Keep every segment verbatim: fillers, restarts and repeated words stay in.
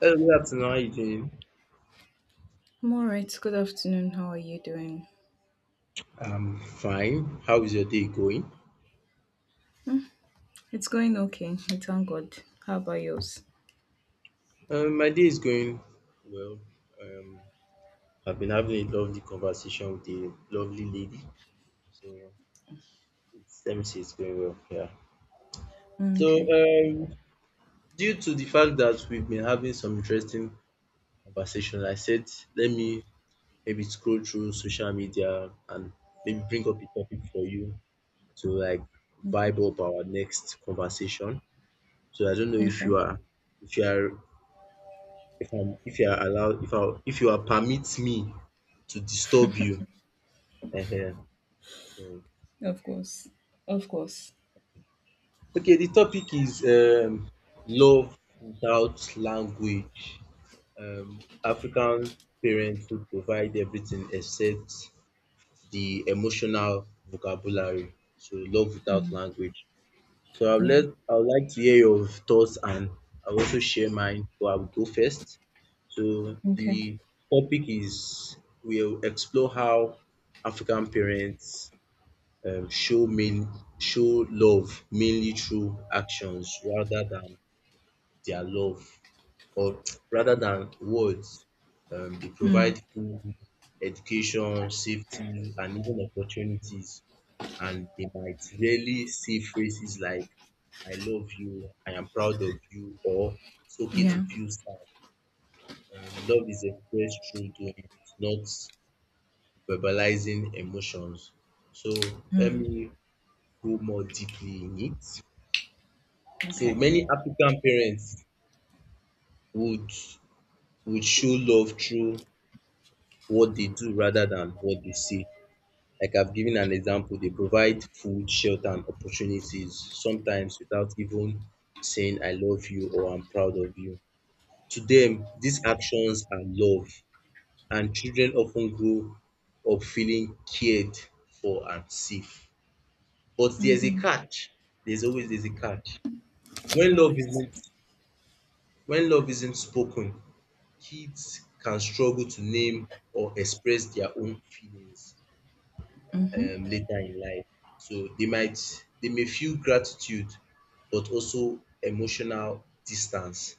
Hello, good afternoon. How are you doing? I'm alright. Good afternoon. How are you doing? I'm fine. How is your day going? It's going okay. We thank God. How about yours? Um, my day is going well. Um, I've been having a lovely conversation with a lovely lady, so it's, let me say it's going well. Yeah. So, Okay. um, due to the fact that we've been having some interesting conversation, I said let me maybe scroll through social media and maybe bring up a topic for you to like Okay. vibe up our next conversation. So I don't know if you Okay. are if you are if I'm if you are allowed if I if you are permit me to disturb you. Ehen. So Of course. Of course. okay, the topic is um love without language. Um, African parents who provide everything except the emotional vocabulary. So love without Mm, language. So I would yeah. let I would like to hear your thoughts, and I'll also share mine, but I will go first. So Okay. the topic is we'll explore how African parents um, show main show love mainly through actions rather than their love or rather than words. Um, they Hmm. provide food, education, safety, and even opportunities, and they might really see phrases like I love you, I am proud of you, or it's okay to Yeah. feel sad. Um, love is expressed through doing, not verbalizing emotions. So let Hmm. me go more deeply in it. So Okay. many African parents would would show love through what they do rather than what they say. Like I've given an example, they provide food, shelter, and opportunities, sometimes without even saying I love you or I'm proud of you. To them, these actions are love, and children often grow up feeling cared for and safe. But there's a Mm-hmm. catch. There's always there's a catch. When love Always. isn't when love isn't spoken, kids can struggle to name or express their own feelings Mm-hmm. um later in life. So they might they may feel gratitude but also emotional distance,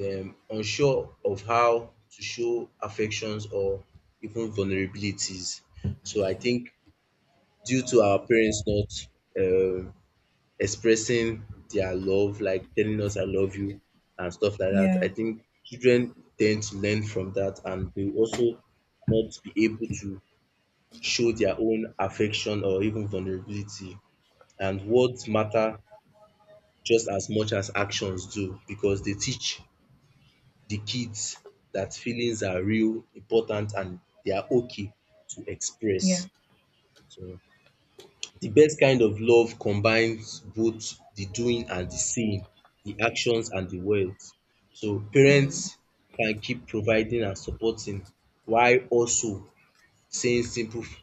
um unsure of how to show affections or even vulnerabilities. So I think due to our parents not um expressing their love, like telling us I love you and stuff like that, I Yeah. think children tend to learn from that and they also not be able to show their own affection or even vulnerability. And words matter just as much as actions do because they teach the kids that feelings are real, important, and they are okay to Yeah. express. So the best kind of love combines both the doing and the seeing, the actions and the words. So Mm-hmm. parents can keep providing and supporting while also saying simple f-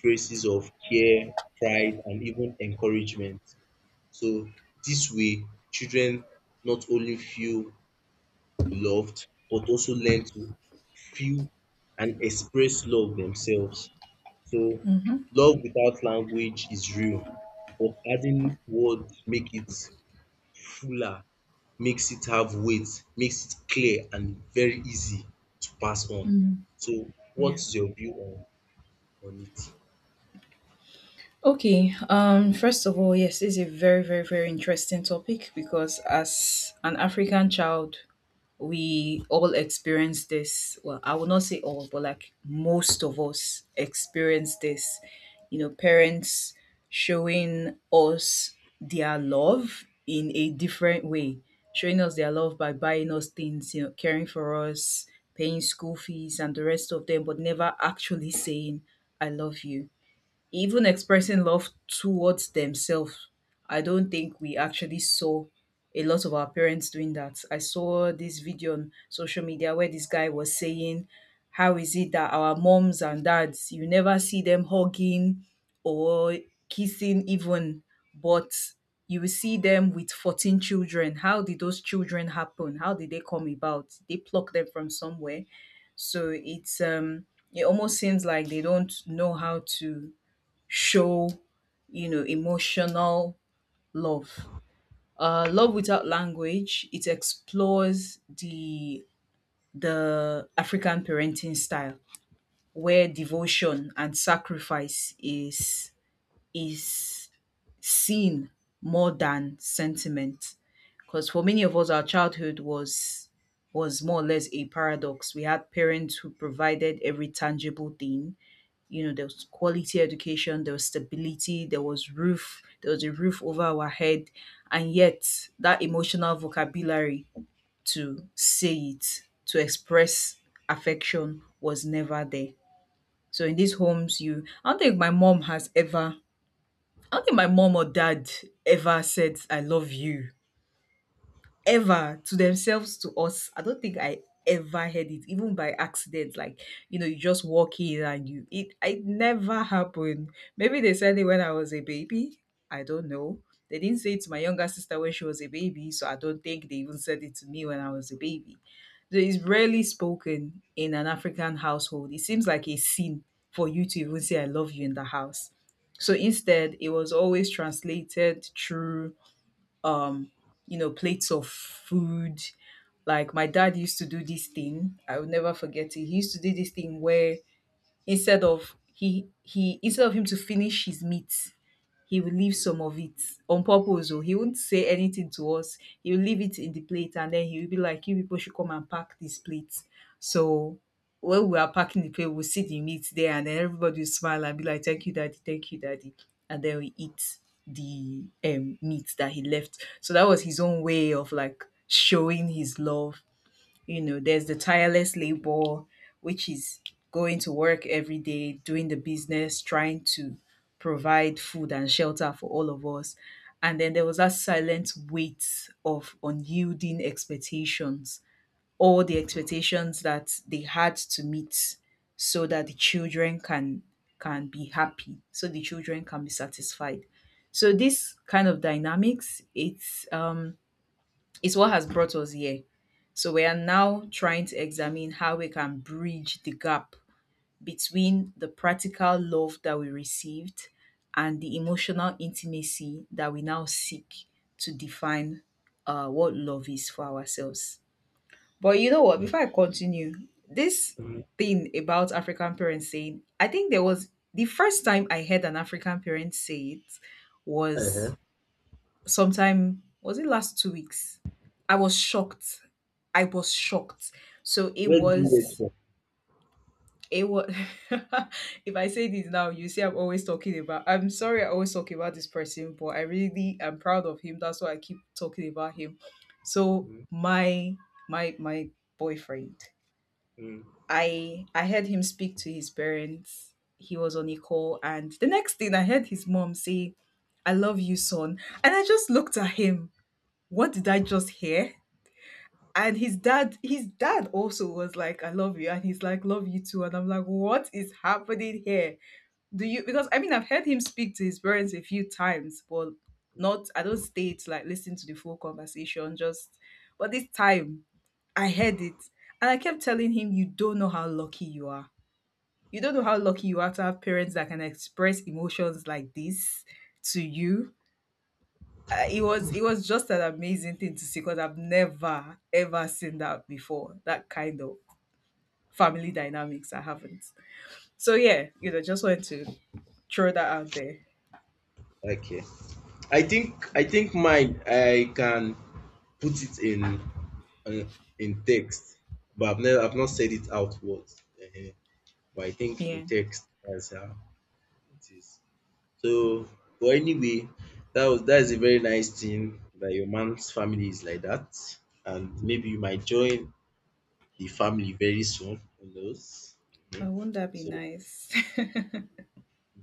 phrases of care, pride, and even encouragement. So this way, children not only feel loved, but also learn to feel and express love themselves. So love without language is real, but adding words make it fuller, makes it have weight, makes it clear and very easy to pass on. Mm-hmm. So Yeah. what's your view on on it? Okay. Um. First of all, yes, this is a very, very, very interesting topic because as an African child, we all experience this. Well, I will not say all, but like most of us experience this. You know, parents showing us their love in a different way, showing us their love by buying us things, you know, caring for us, paying school fees and the rest of them, but never actually saying, I love you, even expressing love towards themselves, I don't think we actually saw a lot of our parents doing that. I saw this video on social media where this guy was saying, how is it that our moms and dads, you never see them hugging or kissing, even, but you will see them with fourteen children. How did those children happen? How did they come about? They pluck them from somewhere. So it's um it almost seems like they don't know how to show, you know, emotional love. Uh, Love Without Language, it explores the the African parenting style where devotion and sacrifice is is seen more than sentiment. Because for many of us, our childhood was was more or less a paradox. We had parents who provided every tangible thing. You know, there was quality education, there was stability, there was roof, there was a roof over our head, and yet that emotional vocabulary to say it, to express affection was never there. So in these homes, you I don't think my mom has ever I don't think my mom or dad ever said I love you, ever, to themselves, to us. I don't think I ever heard it, even by accident. Like, you know, you just walk in and you it it never happened. Maybe they said it when I was a baby. I don't know. They didn't say it to my younger sister when she was a baby, so I don't think they even said it to me when I was a baby. So it's rarely spoken in an African household. It seems like a sin for you to even say I love you in the house. So instead, it was always translated through um, you know, plates of food. Like my dad used to do this thing. I will never forget it. He used to do this thing where instead of he he instead of him to finish his meat, he will leave some of it on purpose. Oh, he won't say anything to us. He will leave it in the plate and then he will be like, "You people should come and pack this plate." So when we are packing the plate, we'll see the meat there and then everybody will smile and be like, "Thank you, daddy, thank you, daddy." And then we eat the um meat that he left. So that was his own way of like showing his love. You know, there's the tireless labor, which is going to work every day, doing the business, trying to provide food and shelter for all of us. And then there was that silent weight of unyielding expectations, all the expectations that they had to meet so that the children can can be happy, so the children can be satisfied. So this kind of dynamics, it's um it's what has brought us here. So we are now trying to examine how we can bridge the gap between the practical love that we received and the emotional intimacy that we now seek to define uh, what love is for ourselves. But you know what? Before I continue, this Right. thing about African parents saying, I think there was the first time I heard an African parent say it Uh-huh. was sometime, was it last two weeks? I was shocked I was shocked. So it What's the yes was for? it was if I say this now, you see I'm always talking about, I'm sorry, I always talk about this person, but I really am proud of him. That's why I keep talking about him. So Mm, my my my boyfriend, mm. I I heard him speak to his parents. He was on a call and the next thing I heard his mom say, "I love you, son." And I just looked at him. What did I just hear? And his dad, his dad also was like, "I love you." And he's like, "Love you too." And I'm like, what is happening here? Do you, because I mean, I've heard him speak to his parents a few times, but not, I don't stay to like listen to the full conversation, just, but this time I heard it. And I kept telling him, you don't know how lucky you are. You don't know how lucky you are to have parents that can express emotions like this to you. uh, it was it was just an amazing thing to see because I've never ever seen that before. That kind of family dynamics, I haven't. So yeah, you know, just wanted to throw that out there. Okay. I think I think mine I can put it in uh, in text, but I've never I've not said it outward. Uh-huh. But I think in Yeah, text that's how it is. So, but anyway, that was that is a very nice thing that your man's family is like that, and maybe you might join the family very soon. Who knows? Mhm. uh, wouldn't that be So nice?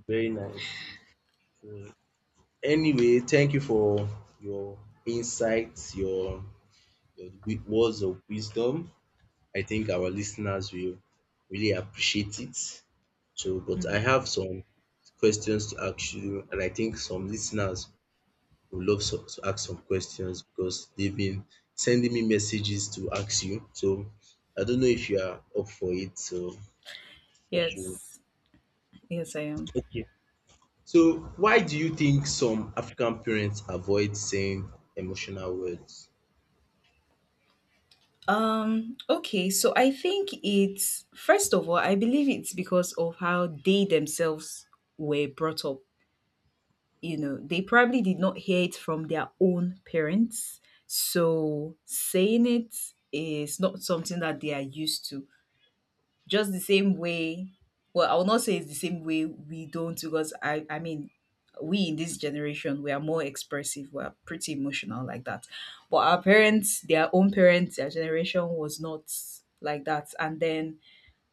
very nice. So anyway, thank you for your insights, your your wi- words of wisdom. I think our listeners will really appreciate it. So, but I Mm. have some questions to ask you, and I think some listeners would love so, to ask some questions because they've been sending me messages to ask you. So, I don't know if you are up for it. So, I should. Yes, yes, I am. Okay. So, why do you think some African parents avoid saying emotional words? Um, okay, so I think it's first of all, I believe it's because of how they themselves were brought up. You know, they probably did not hear it from their own parents. So saying it is not something that they are used to. Just the same way, well, I will not say it's the same way we don't, because I, I mean, we in this generation, we are more expressive. We are pretty emotional like that. But our parents, their own parents, their generation was not like that. And then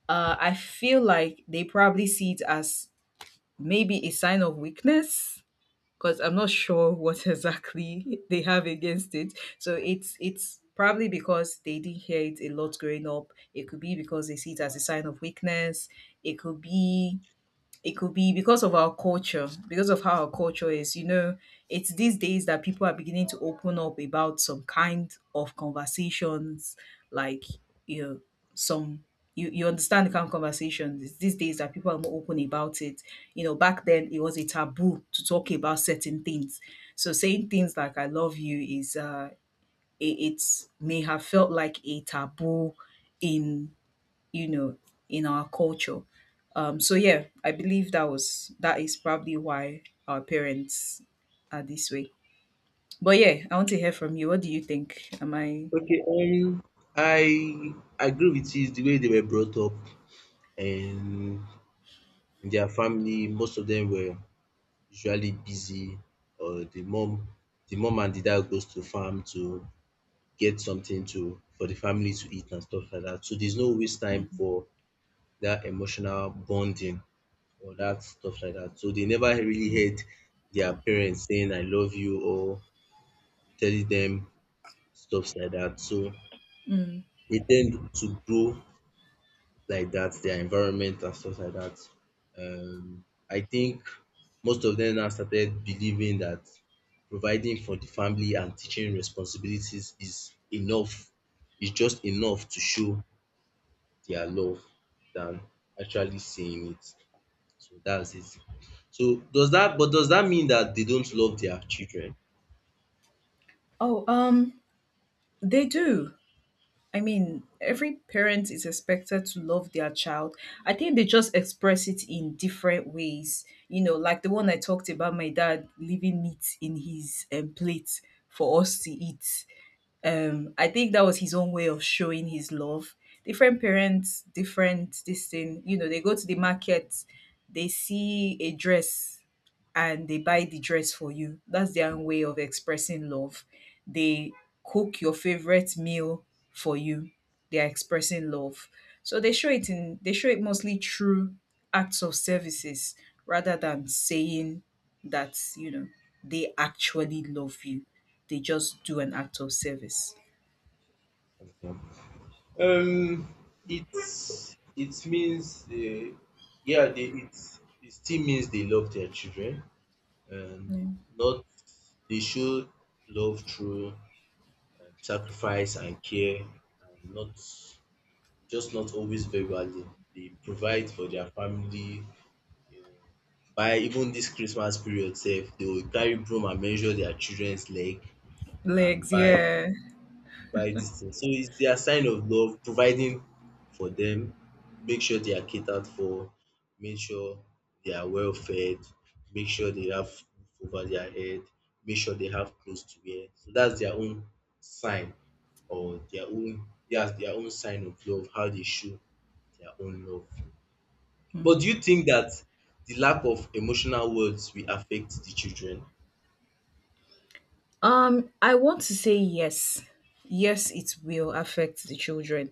uh, I feel like they probably see it as maybe a sign of weakness because I'm not sure what exactly they have against it. So it's it's probably because they didn't hear it a lot growing up. It could be because they see it as a sign of weakness. It could be it could be because of our culture, because of how our culture is. You know, it's these days that people are beginning to open up about some kind of conversations, like you know, some you, you understand the kind of conversations. It's these days that people are more open about it. You know, back then it was a taboo to talk about certain things. So saying things like "I love you" is uh, it, it may have felt like a taboo in, you know, in our culture. Um, so yeah, I believe that was that is probably why our parents are this way. But yeah, I want to hear from you. What do you think? Am I? Okay, um, I agree with you. It's the way they were brought up, and in their family, most of them were usually busy. Or the mom, the mom and the dad goes to farm to get something to for the family to eat and stuff like that. So there's no waste time Mhm. for that emotional bonding or that stuff like that. So they never really Yeah. heard their parents saying "I love you" or telling them stuff like that. So Mm. they tend to grow like that, their environment and stuff like that. Um, I think most of them now started believing that providing for the family and teaching responsibilities is enough, is just enough to show their love than actually seeing it. So that's it. So does that but does that mean that they don't love their children? Oh, um, they do. I mean, every parent is expected to love their child. I think they just express it in different ways. You know, like the one I talked about, my dad leaving meat in his um, plate for us to eat. Um, I think that was his own way of showing his love. Different parents, different this thing, you know, they go to the market, they see a dress and they buy the dress for you. That's their own way of expressing love. They cook your favorite meal for you. They are expressing love. So they show it in they show it mostly through acts of services rather than saying that, you know, they actually love you. They just do an act of service. Okay. Um, it's it means they yeah they it it still means they love their children, um Yeah. not they show love through um sacrifice and care, and not just not always verbally. They provide for their family um by even this Christmas period sef dey go carry broom and measure their children's leg and Legs, buy yeah. by this thing. So it's their sign of love, providing for them, make sure they are catered for, make sure they are well fed, make sure they have roof over their head, make sure they have clothes to wear. So that's their own sign or their own that's their own sign of love, how they show their own love. Mm. But do you think that the lack of emotional words will affect the children? Um, I want to say yes. Yes, it will affect the children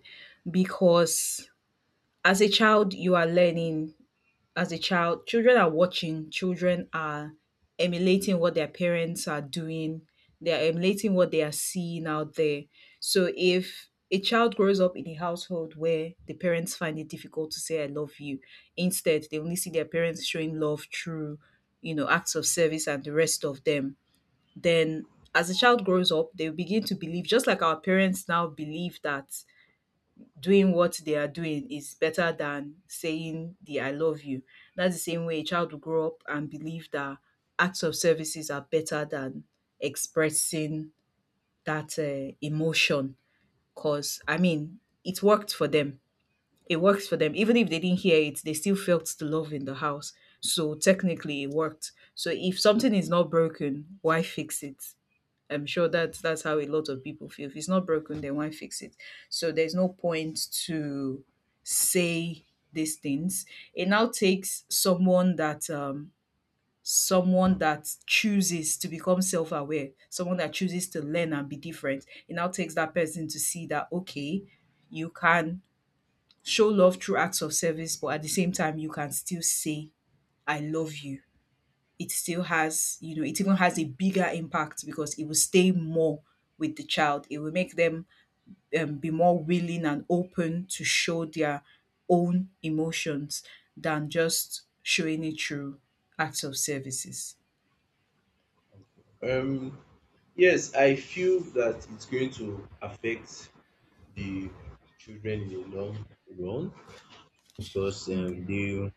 because as a child, you are learning. As a child, children are watching, children are emulating what their parents are doing, they are emulating what they are seeing out there. So if a child grows up in a household where the parents find it difficult to say I love you, instead they only see their parents showing love through, you know, acts of service and the rest of them, then as a child grows up, they begin to believe just like our parents now believe that doing what they are doing is better than saying the I love you. That's the same way a child will grow up and believe that acts of services are better than expressing that uh, emotion. Because, I mean, it worked for them. It works for them. Even if they didn't hear it, they still felt the love in the house. So technically, it worked. So if something is not broken, why fix it? I'm sure that's that's how a lot of people feel. If it's not broken, they won't fix it. So there's no point to say these things. It now takes someone that um someone that chooses to become self-aware, someone that chooses to learn and be different. It now takes that person to see that okay, you can show love through acts of service, but at the same time you can still say I love you it still has, you know, it even has a bigger impact because it will stay more with the child. It will make them um, be more willing and open to show their own emotions than just showing it through acts of services. Um yes, I feel that it's going to affect the children in the long run because um, they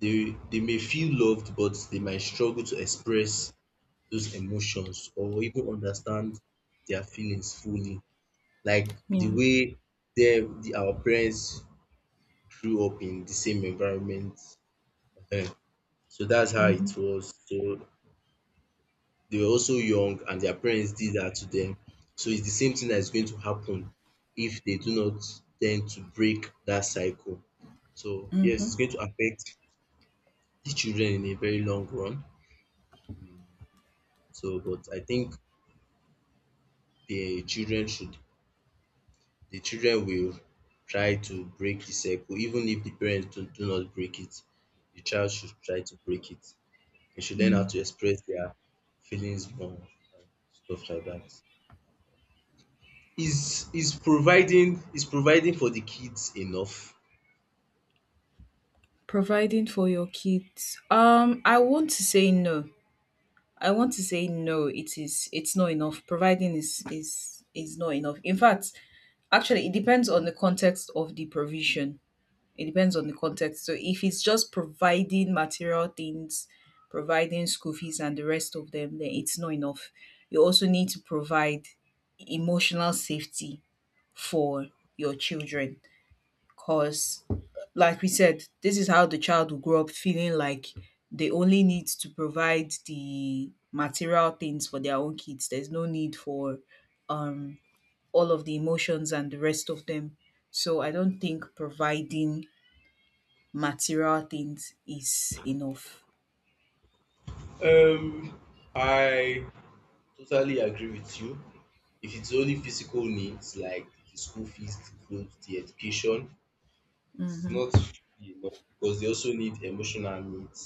they they may feel loved, but they might struggle to express those emotions or even understand their feelings fully. Like the Yeah. way them the, our parents grew up in the same environment. Ehen. So that's how it Mhm. was. So they were also young and their parents did that to them. So it's the same thing that is going to happen if they do not tend to break that cycle. So yes, Mhm. it's going to affect the children in a very long run. So but I think the children should the children will try to break the cycle. Even if the parents do, do not break it, the child should try to break it. They should learn how Mm. to express their feelings more and stuff like that. Is is providing is providing for the kids enough? Providing for your kids. Um, I want to say no. I want to say no. It is. It's not enough. Providing is is is not enough. In fact, actually, it depends on the context of the provision. It depends on the context. So if it's just providing material things, providing school fees and the rest of them, then it's not enough. You also need to provide emotional safety for your children because like we said, this is how the child will grow up feeling like they only need to provide the material things for their own kids. There's no need for um all of the emotions and the rest of them. So I don't think providing material things is enough. Um, I totally agree with you. If it's only physical needs like the school fees, the clothes, the education, it's not Mm-hmm. fully enough because they also need emotional needs.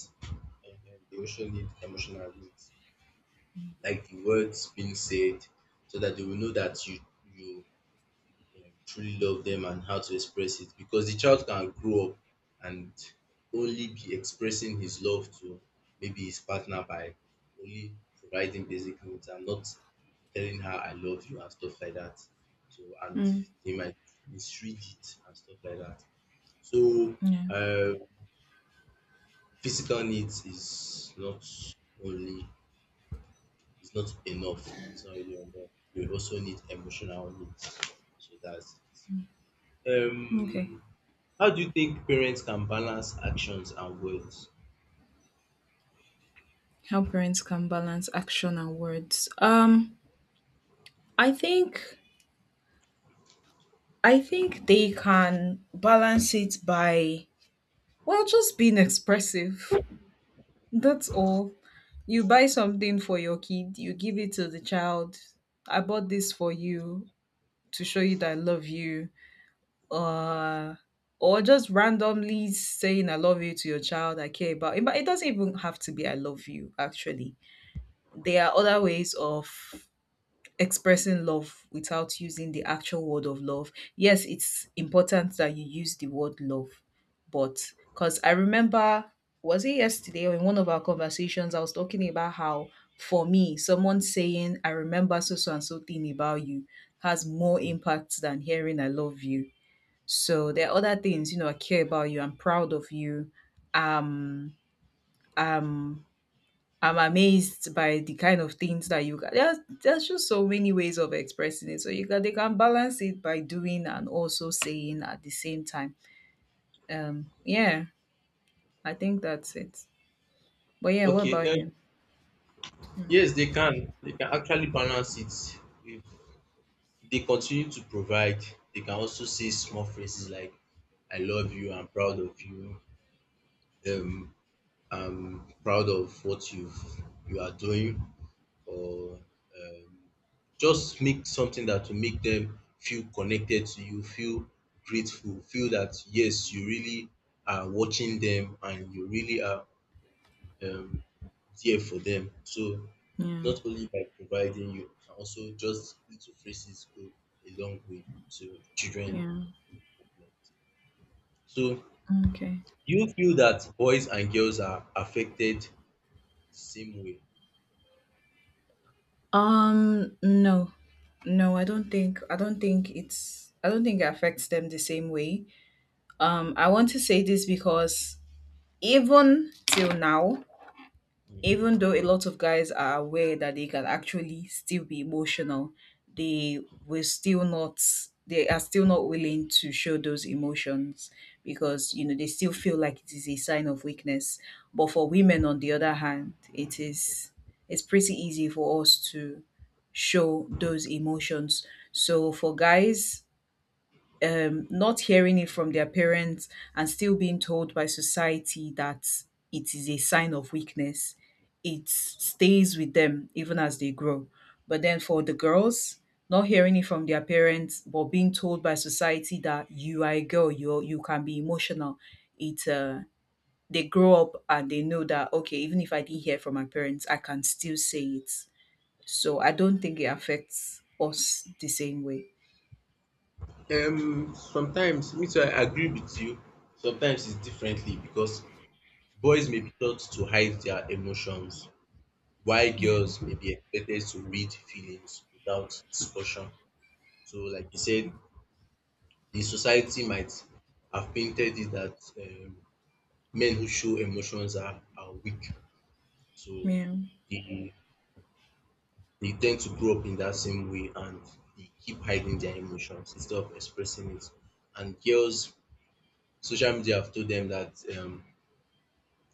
um, They also need emotional needs, like the words being said, so that they will know that you you like, truly love them and how to express it because the child can grow up and only be expressing his love to maybe his partner by only providing basic needs and not telling her I love you and stuff like that. So and Mm, they might misread it and stuff like that. So yeah. uh, physical needs is not only is not enough. It's not really enough. You also need emotional needs. So that's it. Okay. Um, how do you think parents can balance actions and words? How parents can balance action and words. Um, I think I think they can balance it by well just being expressive. That's all. You buy something for your kid, you give it to the child. I bought this for you to show you that I love you. uh, or just randomly saying I love you to your child, I care about it. But it doesn't even have to be I love you, actually. There are other ways of expressing love without using the actual word of love. Yes, it's important that you use the word love, but because I remember, was it yesterday or in one of our conversations, I was talking about how for me, someone saying, I remember so so and so thing about you has more impact than hearing I love you, so there are other things, you know, I care about you. I'm proud of you. Um, um, I'm amazed by the kind of things that you got. There's, there's just so many ways of expressing it. So you can they can balance it by doing and also saying at the same time. Um, yeah, I think that's it. But yeah, what Okay, about um, you? Mm, yes, they can. They can actually balance it. If they continue to provide, they can also say small phrases like "I love you," "I'm proud of you," um, "I'm proud of what you you are doing," or um, just make something that will make them feel connected to you, feel grateful, feel that yes, you really are watching them and you really are um, there for them. So yeah, not only by providing, you can also just little phrases go a long way to children yeah. development. So do Okay. you feel that boys and girls are affected the same way? Um, no, no, I don't think I don't think it's I don't think it affects them the same way. Um, I want to say this because even till now, even though a lot of guys are aware that they can actually still be emotional, they will still not they are still not willing to show those emotions because you know they still feel like it is a sign of weakness. But for women on the other hand, it is it's pretty easy for us to show those emotions. So for guys, um, not hearing it from their parents and still being told by society that it is a sign of weakness, it stays with them even as they grow. But then for the girls, not hearing it from their parents, but being told by society that you are a girl, you you can be emotional. It uh, They grow up and they know that okay, even if I didn't hear from my parents, I can still say it. So I don't think it affects us the same way. Um, sometimes me too, I agree with you. Sometimes it's differently because boys may be taught to hide their emotions, while Yeah. girls may be expected to read feelings without discussion. So, like you said, the society might have painted it that um, men who show emotions are, are weak. So Yeah. they, they tend to grow up in that same way and they keep hiding their emotions instead of expressing it. And girls, social media have told them that um,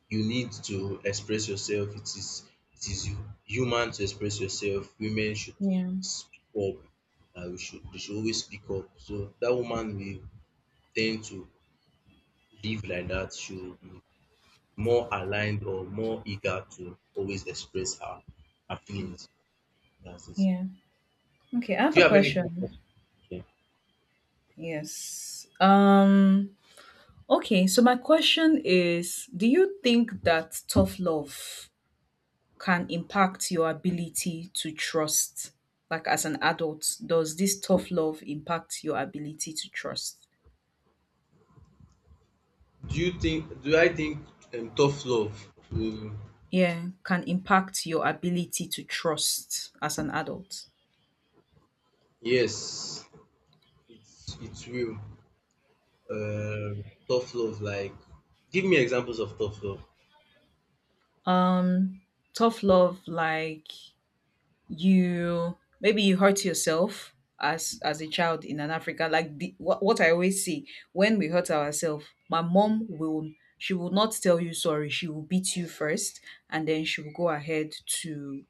you need to express yourself. It is it is hu- human to express yourself. Women should Yeah. speak up. Uh, we should, they should always speak up. So that woman will tend to live like that. She will be more aligned or more eager to always express her, her feelings. That's it. Yeah. Okay, I have Do a you have any question. question? Okay. Yes. Um okay, so my question is, do you think that tough love can impact your ability to trust? Like as an adult, does this tough love impact your ability to trust? Do you think? Do I think um, tough love? Um, Yeah, can impact your ability to trust as an adult. yes, it's it's real. Um, tough love, like give me examples of tough love. Um Tough love like you maybe you hurt yourself as as a child in an africa like the what, what I always see when we hurt ourselves my mom will she will not tell you sorry she will beat you first and then she will go ahead to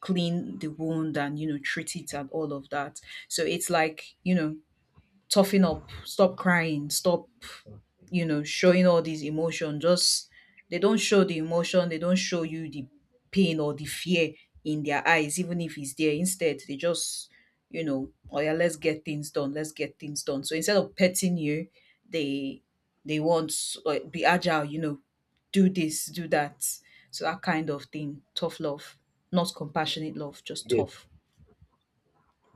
clean the wound and you know treat it and all of that so it's like you know toughen up, stop crying, stop, you know, showing all these emotion. Just they don't show the emotion, they don't show you the pain or the fear in their eyes, even if it's there. Instead, they just, you know, oh yeah, let's get things done, let's get things done. So instead of petting you, they they want like, be agile, you know, do this, do that. So that kind of thing, tough love, not compassionate love, just Yes, tough.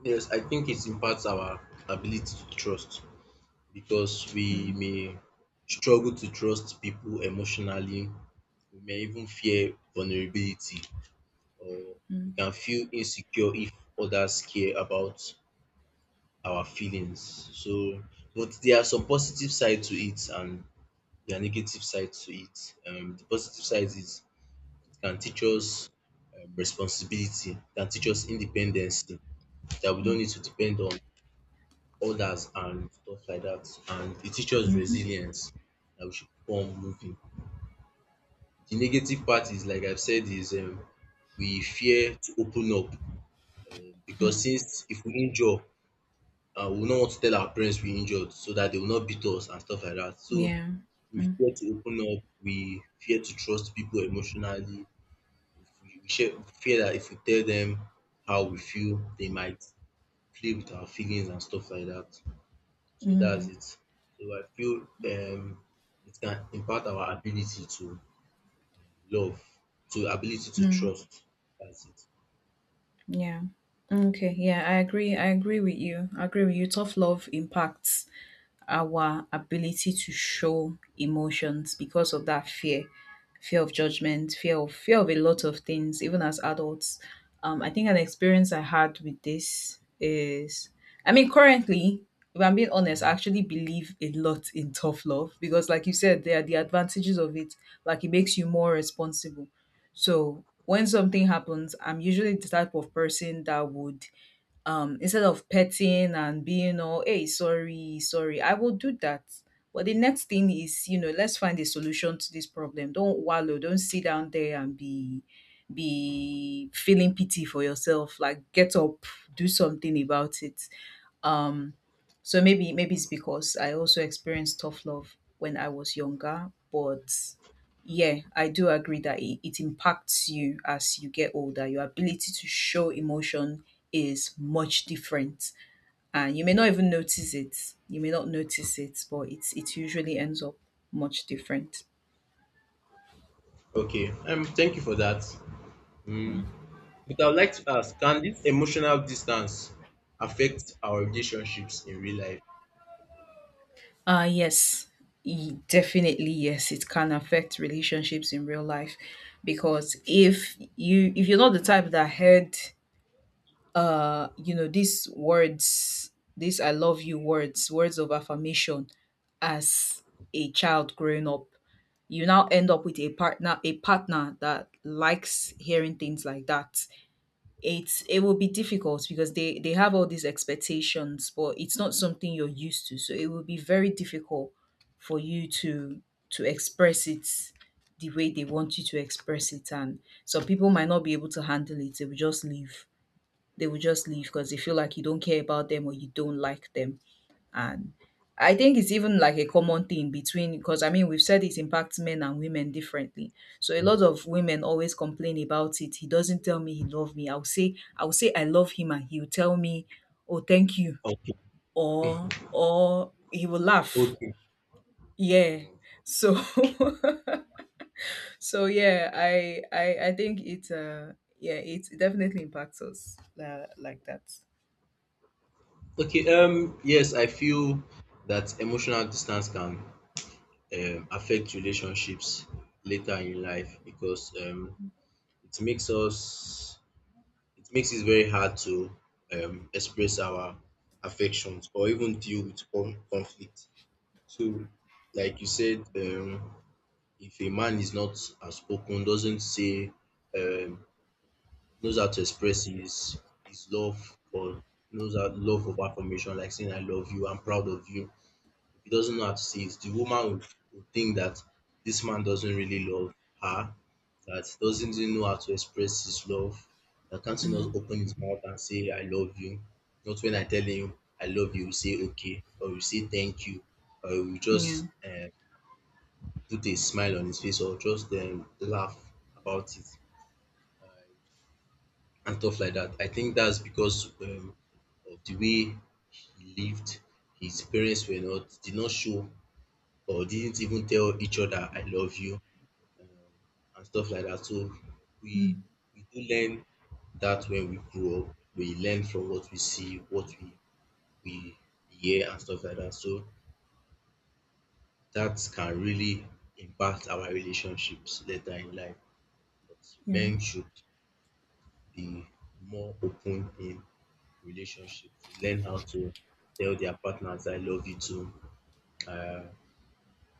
yes, I think it imparts our ability to trust because we Mm, may struggle to trust people emotionally. We may even fear vulnerability or we mm, can feel insecure if others care about our feelings. So, but there are some positive side to it and there are negative side to it. Um, the positive side is it can teach us um, responsibility, it can teach us independence, that we yeah. don't need to depend on others and stuff like that. And it teaches Mm-hmm. resilience that we should keep on moving. The negative part is, like I've said, is um, we fear to open up uh, because Mm. since if we injure uh, we will not want to tell our parents we injured so that they will not beat us and stuff like that. So we Yeah. fear to open up, we fear to trust people emotionally, we share, fear that if we tell them how we feel, they might play with our feelings and stuff like that. So that's Mm, it. So I feel um, it can impact our ability to love, to ability to trust. That's it. yeah. Mm, okay. Yeah, I agree. I agree with you. I agree with you. Tough love impacts our ability to show emotions because of that fear fear of judgment, fear of fear of a lot of things even as adults. um I think an experience I had with this is I mean currently, if I'm being honest, I actually believe a lot in tough love because like you said there are the advantages of it, like it makes you more responsible. So when something happens I'm usually the type of person that would um instead of petting and being all hey sorry sorry I will do that, but the next thing is you know let's find a solution to this problem, don't wallow, don't sit down there and be be feeling pity for yourself, like get up, do something about it. um, so maybe maybe it's because I also experienced tough love when I was younger, but yeah, I do agree that it, it impacts you as you get older. Your ability to show emotion is much different, and you may not even notice it. You may not notice it, but it's it usually ends up much different. Okay. Um, thank you for that. Mm. But I would like to ask, can this emotional distance affect our relationships in real life? Uh yes. E- Definitely yes, it can affect relationships in real life because if you if you're not the type that heard uh you know these words, these I love you words, words of affirmation as a child growing up, you now end up with a partner a partner that likes hearing things like that. It's it will be difficult because they they have all these expectations but it's not something you're used to so it will be very difficult for you to to express it the way they want you to express it, and some people might not be able to handle it, they will just leave, they will just leave because they feel like you don't care about them or you don't like them. And I think it's even like a common thing between because I mean we've said it impacts men and women differently. So a lot of women always complain about it. He doesn't tell me he loves me. I'll say I'll say I love him and he'll tell me, "Oh, thank you." Okay, Or or he will laugh. okay, Yeah. So so yeah, I I I think it uh yeah, it definitely impacts us uh, like that. okay. Um, yes, I feel that emotional distance can um, affect relationships later in life because um, it makes us, it makes it very hard to um, express our affections or even deal with con- conflict. So, like you said, um, if a man is not outspoken, doesn't say um, knows how to express his his love or knows how love of affirmation, like saying I love you, I'm proud of you. If he doesn't know how to say it, the woman would, would think that this man doesn't really love her, that doesn't really know how to express his love, that can't he not Mm. open his mouth and say I love you. Not when I tell him I love you, you say okay, or you say thank you, or you Yeah. just uh, put a smile on his face or just um, laugh about it. And stuff like that. I think that's because um, of the way he lived. His parents were not did not show or didn't even tell each other "I love you" and stuff like that. So we Mm, we do learn that when we grow up, we learn from what we see, what we we hear and stuff like that. So that can really impact our relationships later in life. But yeah. men should be more open in relationship to learn how to tell their partners I love you too, uh,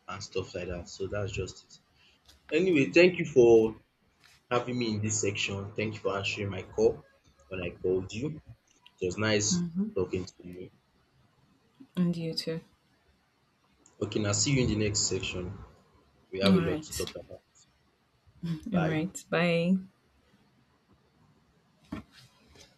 and stuff like that. So that's just it. Anyway, thank you for having me in this section. Thank you for answering my call when I called you. It was nice Hmm. talking to you. And you too. Okay, now see you in the next section. We have a All lot to right. talk about. All Bye. right. Bye.